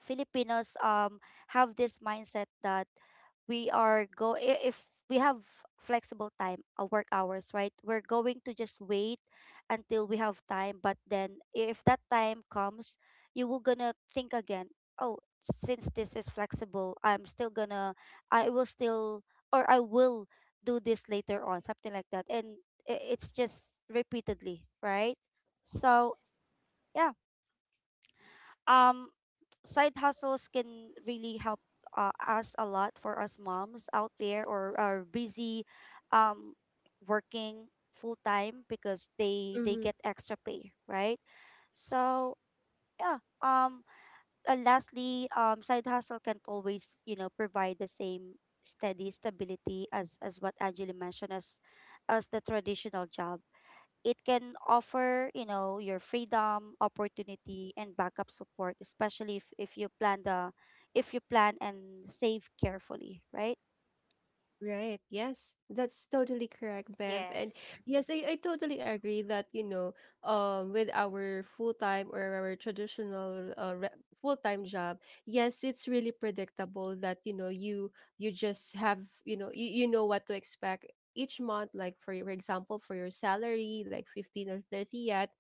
C: Filipinos have this mindset that we are go I- if we have flexible time, work hours, right, we're going to just wait until we have time. But then if that time comes, you will gonna think again, oh, since this is flexible, I'm still gonna, i will still I will do this later on, something like that. And it's just repeatedly, right? So yeah, um side hustles can really help us a lot, for us moms out there or are busy, um, working full time, because they get extra pay, right? So yeah. Lastly, side hustle can always, you know, provide the same steady stability, as what Angela mentioned, as the traditional job. It can offer, you know, your freedom, opportunity, and backup support, especially if you plan the if you plan and save carefully, right?
A: Right. Yes. That's totally correct, Bev. And
B: yes,
A: yes, I totally agree that, you know, with our full-time or our traditional full-time job, yes, it's really predictable that, you know, you just have, you know, you know what to expect each month, like for your example for your salary, like 15 or 30th,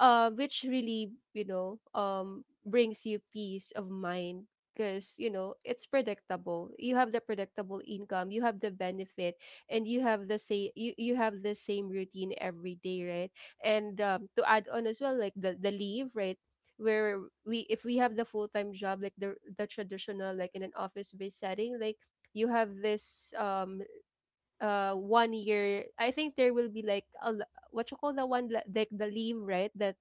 A: which really, you know, brings you peace of mind, because you know it's predictable. You have the predictable income, you have the benefit, and you have the say, you have the same routine every day, right? And to add on as well, like the leave, right? Where we, if we have the full-time job, like the traditional, like in an office-based setting, like you have this 1 year, I think there will be like what you call the one, like the leave, right, that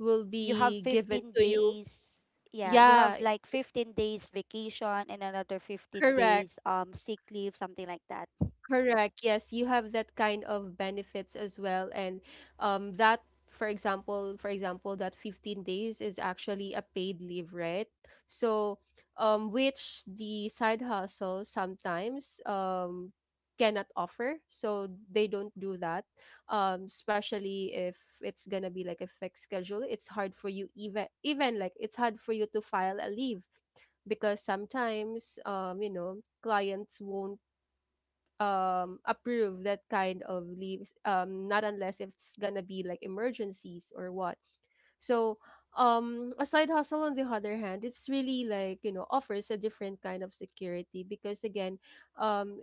A: will
C: You have
A: be given
C: 15
A: to you.
C: days. Yeah, you
A: Yeah,
C: have like 15 days vacation and another 15
A: correct,
C: days sick leave, something like that.
A: correct. Yes, you have that kind of benefits as well. And that, for example, that 15 days is actually a paid leave, right? So which the side hustle sometimes cannot offer. So they don't do that. Especially if it's gonna be like a fixed schedule. It's hard for you, even even like it's hard for you to file a leave, because sometimes you know clients won't approve that kind of leaves, not unless it's gonna be like emergencies or what. So a side hustle on the other hand, it's really like, you know, offers a different kind of security, because again, um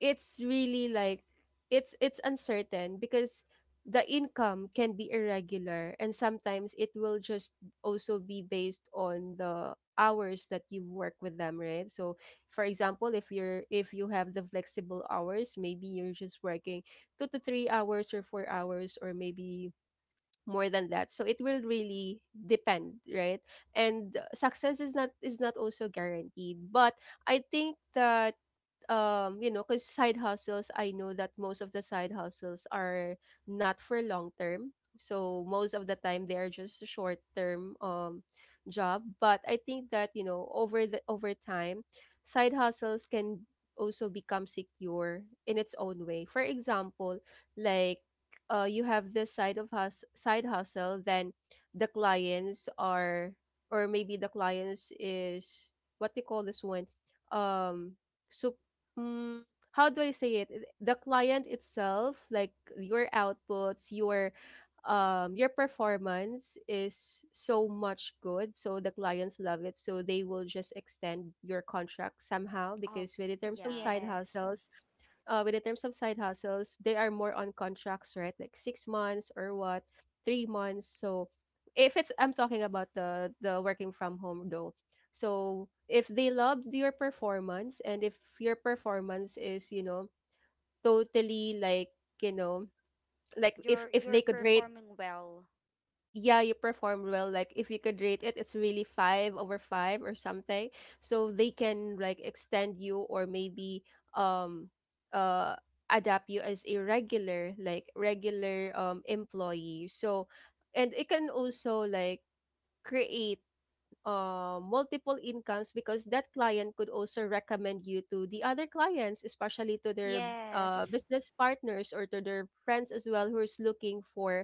A: it's really like, it's uncertain, because the income can be irregular, and sometimes it will just also be based on the hours that you work with them, right? So for example, if you're, if you have the flexible hours, maybe you're just working 2 to 3 hours or 4 hours, or maybe more than that. So it will really depend, right? And success is not also guaranteed. But I think that you know, because side hustles, I know that most of the side hustles are not for long term. So most of the time they are just a short term job. But I think that, you know, over the over time, side hustles can also become secure in its own way. For example, like, you have this side hustle. Then the clients are, or maybe the clients is, what do you call this one? Um, so, mm, how do I say it? The client itself, like your outputs, your performance is so much good, so the clients love it, so they will just extend your contract somehow.
C: Oh,
A: Because with the terms of
C: yeah.
A: side
B: yes,
A: hustles, they are more on contracts, right? Like 6 months or what, 3 months. So if it's, I'm talking about the working from home though. So if they loved your performance, and if your performance is, you know, totally like, you know, like
C: You're
A: if
C: you're
A: they could rate,
C: performing well.
A: yeah, you performed well. Like if you could rate it, it's really five over five or something. So they can like extend you, or maybe um uh adapt you as a regular, like regular employee. So and it can also like create multiple incomes, because that client could also recommend you to the other clients, especially to their
B: yes.
A: business partners or to their friends as well, who's looking for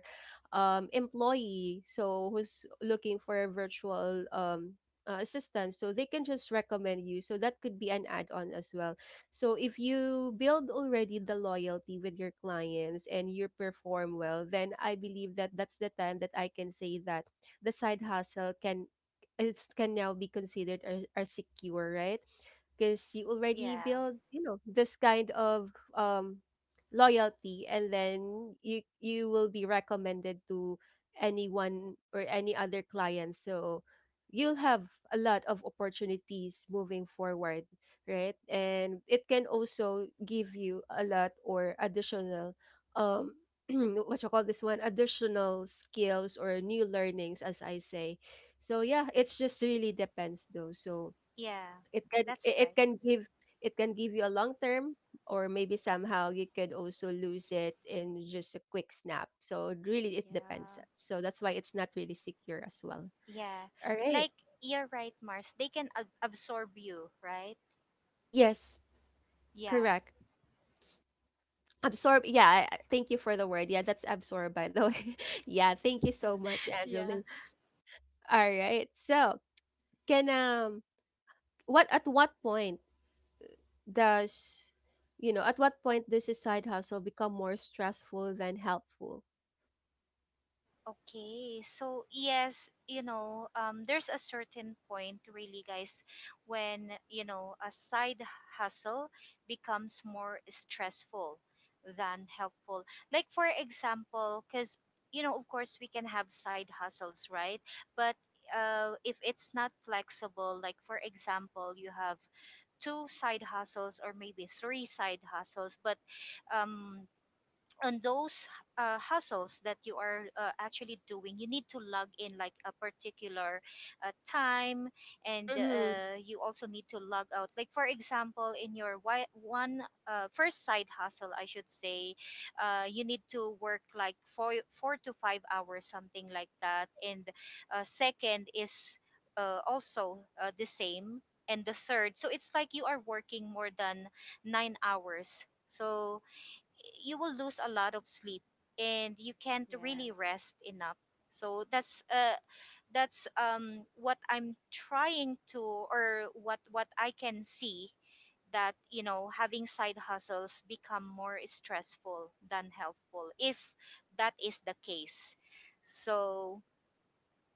A: employee. So who's looking for a virtual assistant. So they can just recommend you. So that could be an add-on as well. So if you build already the loyalty with your clients and you perform well, then I believe that that's the time that I can say that the side hustle can, it can now be considered as secure, right? Because you already
B: Yeah,
A: build, you know, this kind of um loyalty, and then you will be recommended to anyone or any other client. So you'll have a lot of opportunities moving forward, right? And it can also give you a lot or additional um (clears throat) what you call this one, additional skills or new learnings, as I say. So yeah, it's just really depends though. So
B: yeah. That's
A: it it
B: right.
A: can give, it can give you a long term, or maybe somehow you could also lose it in just a quick snap. So it really, it depends.
C: Yeah.
A: So that's why it's not really secure as well.
B: Yeah.
A: All right.
B: Like, you're right, Mars. They can absorb you, right?
A: Yes,
B: Yeah.
A: correct. Absorb. Yeah, thank you for the word. Yeah, that's absorb by the way. (laughs) Yeah, thank you so much,
B: Yeah.
A: Angeline. All right. So, can what at what point does, you know, at what point does a side hustle become more stressful than helpful?
B: Okay, so yes, there's a certain point, really, guys, when, a side hustle becomes more stressful than helpful. Like, for example, because, of course, we can have side hustles, right? But if it's not flexible, like, for example, you have two side hustles or maybe three side hustles. But um, on those hustles that you are actually doing, you need to log in like a particular time. And
A: Mm-hmm.
B: you also need to log out, like, for example, in your one, first side hustle, I should say, you need to work like 4 to 5 hours, something like that. And second is also the same. And the third. So it's like you are working more than 9 hours, so you will lose a lot of sleep and you can't really
C: Yes.
B: rest enough. So that's what I'm trying to, or what I can see, that, having side hustles become more stressful than helpful, if that is the case. So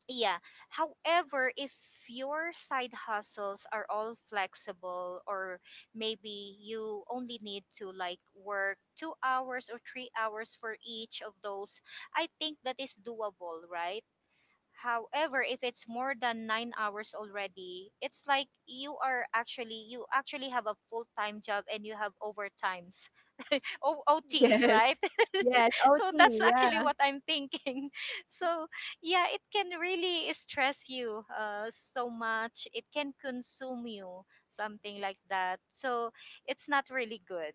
B: yeah. However, if your side hustles are all flexible, or maybe you only need to like work 2 hours or 3 hours for each of those, I think that is doable, right? However, if it's more than 9 hours already, it's like you actually have a full time job and you have overtimes, (laughs)
A: (laughs)
C: (laughs)
B: OTs,
C: Right.
B: right?
A: Yes, yes, OT,
B: So that's actually
A: yeah.
B: what I'm thinking, (laughs) so yeah, it can really stress you, so much. It can consume you, something like that. So it's not really good.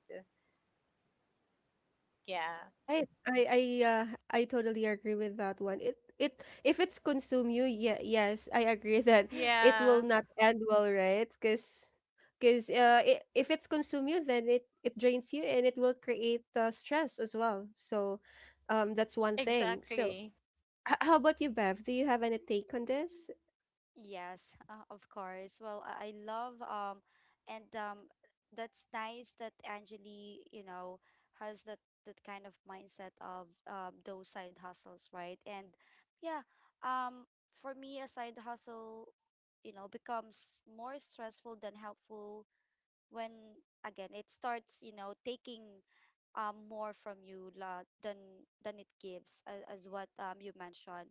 B: Yeah.
A: Right, uh, I totally agree with that one. It, if it's consume you, yeah, yes, I agree (laughs) that it will
B: Yeah,
A: not end well, right? Because I if it's consume you, then it drains you, and it will create stress as well. So that's one thing. So
B: exactly.
A: how about you, Bev, do you have any take on this?
C: Yes, of course. Well, I love and that's nice that Angeli, you know, has that kind of mindset of those side hustles, right? And yeah, um for me a side hustle, you know, becomes more stressful than helpful when, again, it starts, you know, taking more from you la, than it gives, as what you mentioned.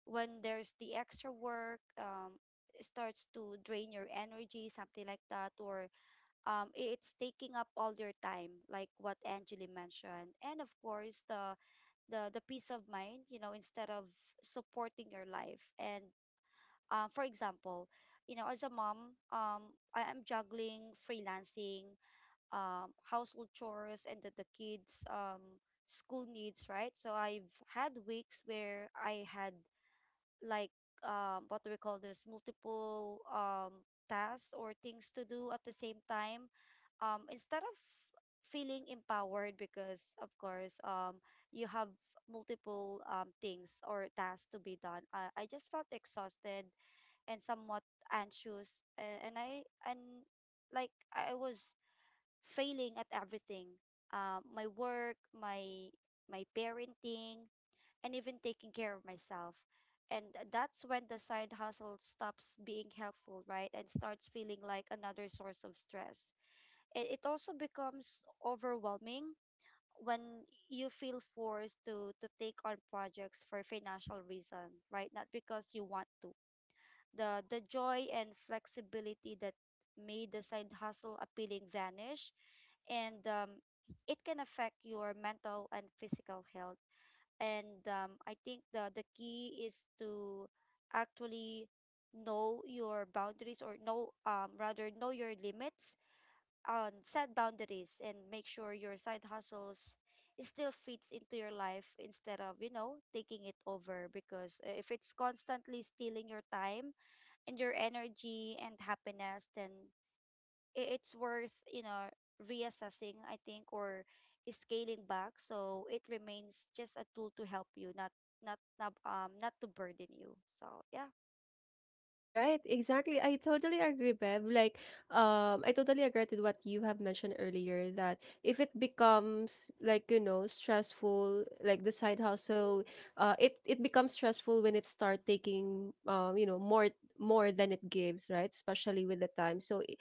C: When there's the extra work, it starts to drain your energy, something like that. Or it's taking up all your time, like what Angeli mentioned. And of course, the peace of mind, you know, instead of supporting your life. And for example, you know, as a mom, I am juggling freelancing, household chores, and the kids school needs, right? So I've had weeks where I had like, what do we call this multiple tasks or things to do at the same time. Instead of feeling empowered, because of course, you have multiple things or tasks to be done, I just felt exhausted and somewhat anxious, and I and like I was failing at everything, my work, my parenting, and even taking care of myself. And that's when the side hustle stops being helpful, right? And starts feeling like another source of stress. It also becomes overwhelming when you feel forced to take on projects for financial reason, right? Not because you want to. The joy and flexibility that made the side hustle appealing vanish. And it can affect your mental and physical health. And I think the key is to actually know your boundaries, or know, rather, know your limits. Set boundaries and make sure your side hustles still fits into your life, instead of, you know, taking it over. Because if it's constantly stealing your time and your energy and happiness, then it's worth, you know, reassessing, I think, or scaling back, so it remains just a tool to help you, not, not to burden you. So yeah.
A: Right, exactly. I totally agree, Bev. Like, I totally agree with what you have mentioned earlier, that if it becomes, like, you know, stressful, like the side hustle, it it becomes stressful when it start taking, you know, more than it gives, right? Especially with the time. So, i-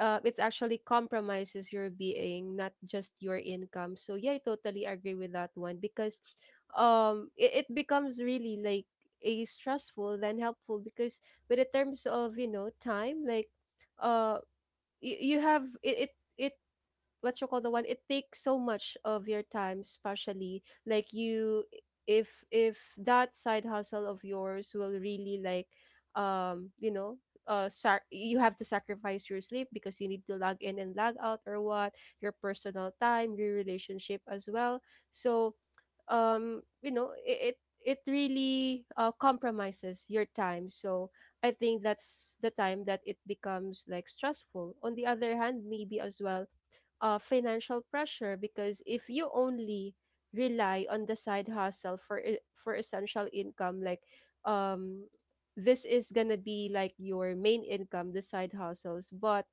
A: uh, it actually compromises your being, not just your income. So yeah, I totally agree with that one because, it becomes really like a stressful than helpful because, but in terms of time, like uh you have it. What you call the one, it takes so much of your time, especially like you, if that side hustle of yours will really like, um you know you have to sacrifice your sleep because you need to log in and log out or what, your personal time, your relationship as well. So, it really compromises your time. So I think that's the time that it becomes like stressful. On the other hand, maybe as well, financial pressure, because if you only rely on the side hustle for for essential income, like, um this is gonna be like your main income, the side hustles. But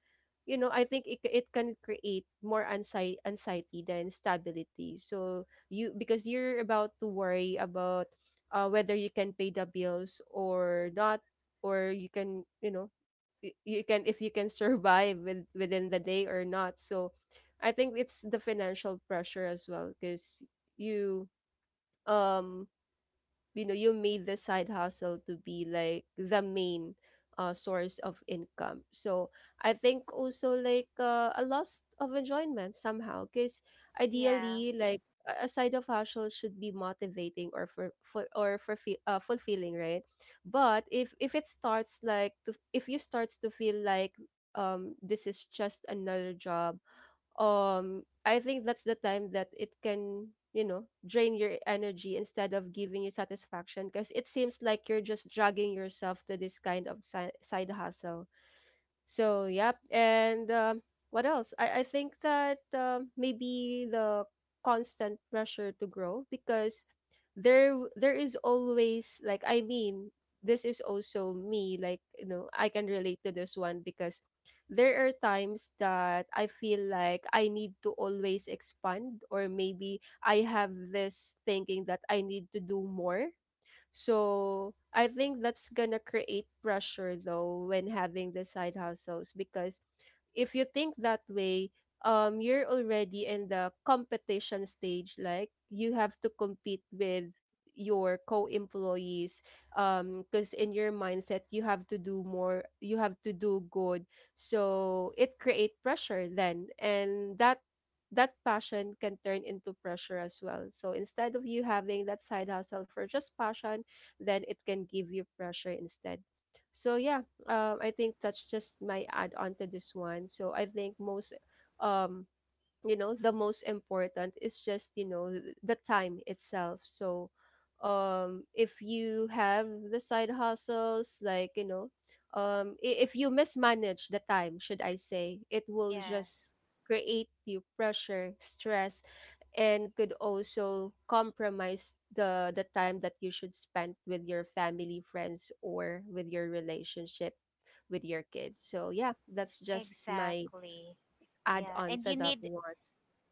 A: you know, I think it can create more anxiety than stability. So you, because you're about to worry about whether you can pay the bills or not, or you can, you know, you can, if you can survive with, within the day or not. So I think it's the financial pressure as well, because you, um you know, you made the side hustle to be like the main source of income. So I think also like, a loss of enjoyment somehow, because
B: Yeah.
A: ideally, like, a side of hustle should be motivating or for or for fulfilling, right? But if it starts like to, if you starts to feel like, this is just another job. I think that's the time that it can, you know, drain your energy instead of giving you satisfaction, because it seems like you're just dragging yourself to this kind of side hustle. So, yep. And what else? I think that, maybe the constant pressure to grow, because there is always, like, I mean, this is also me, like, you know, I can relate to this one because there are times that I feel like I need to always expand, or maybe I have this thinking that I need to do more. So I think that's gonna create pressure though when having the side hustles, because if you think that way, you're already in the competition stage. Like, you have to compete with your co-employees. Because in your mindset, you have to do more, you have to do good. So it create pressure then, and that passion can turn into pressure as well. So instead of you having that side hustle for just passion, then it can give you pressure instead. So yeah, I think that's just my add on to this one. So I think most, um, you know, the most important is just, you know, the time itself. So, if you have the side hustles, like, you know, if you mismanage the time, should I say, it will
B: Yeah,
A: just create you pressure, stress, and could also compromise the time that you should spend with your family, friends, or with your relationship with your kids. So yeah, that's just my
B: exactly.
A: add
B: yeah
A: on
B: and
A: for
B: you
A: that
B: need
A: one.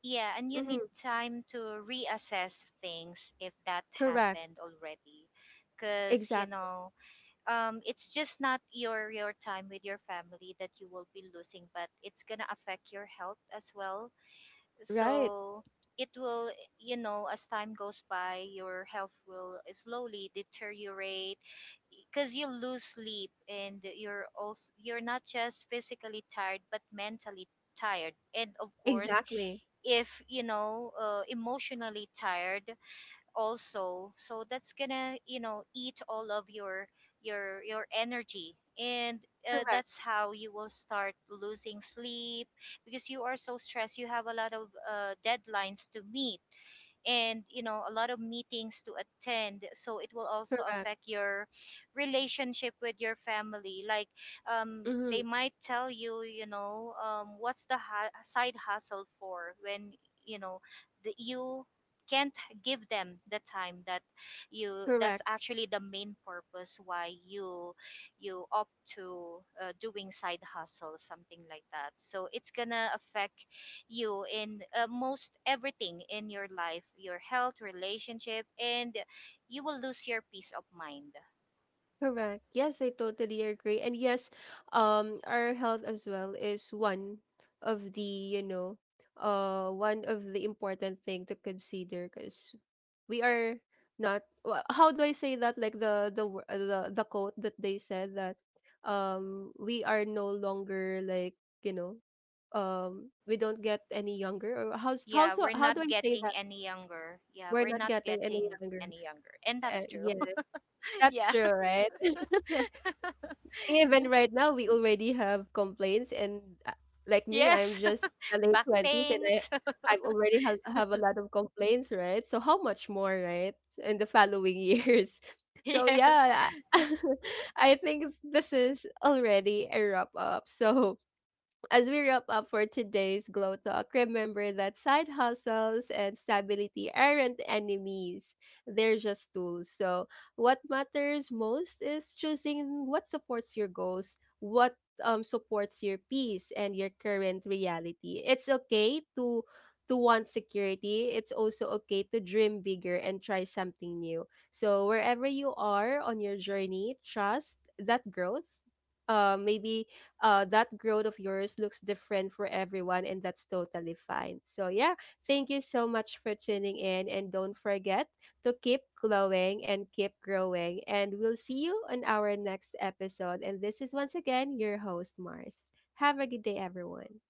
B: yeah and you need
A: Mm-hmm.
B: time to reassess things if that
A: Correct.
B: happened already. Because
A: Exactly.
B: it's just not your time with your family that you will be losing, but it's gonna affect your health as well.
A: Right.
B: So, it will, you know, as time goes by, your health will slowly deteriorate because you lose sleep, and you're also, you're not just physically tired but mentally tired, and of course,
A: Exactly.
B: if, emotionally tired also, so that's gonna, eat all of your energy. And
A: Correct.
B: that's how you will start losing sleep, because you are so stressed, you have a lot of deadlines to meet, and, a lot of meetings to attend, so it will also
A: Correct.
B: affect your relationship with your family. Like,
A: Mm-hmm.
B: they might tell you, you know what's the side hustle for, when, you know you can't give them the time, that you that's
A: Correct.
B: actually the main purpose why you opt to doing side hustle, something like that. So it's gonna affect you in most everything in your life, your health, relationship, and you will lose your peace of mind.
A: Correct. Yes, I totally agree. And yes, our health as well is one of the, you know, one of the important thing to consider, because we are not. How do I say that? Like the the quote that they said that, we are no longer like, you know, we don't get any younger. Or how's how
B: Yeah,
A: so?
B: we're
A: How
B: not
A: do I say
B: getting
A: that?
B: any younger. Yeah,
A: We're
B: we're
A: not
B: not
A: getting any
B: getting
A: younger.
B: any younger, and that's true.
A: Yeah,
B: (laughs)
A: that's
B: Yeah.
A: true, right? (laughs) Even right now, we already have complaints, and like
B: (laughs)
A: me, I'm
B: Yes.
A: just in
B: (laughs)
A: the late
B: Back
A: twenties, and
B: pains.
A: I've already have a lot of complaints, right? So how much more, right, in the following years? (laughs)
B: (laughs)
A: So
B: Yes.
A: yeah, I (laughs) I think this is already a wrap up. So as we wrap up for today's Glow Talk, remember that side hustles and stability aren't enemies. They're just tools. So, what matters most is choosing what supports your goals, what supports your peace and your current reality. It's okay to want security. It's also okay to dream bigger and try something new. So, wherever you are on your journey, trust that growth maybe that growth of yours looks different for everyone, and that's totally fine. So, yeah, thank you so much for tuning in, and don't forget to keep glowing and keep growing. And we'll see you on our next episode. And this is once again your host, Mars. Have a good day, everyone.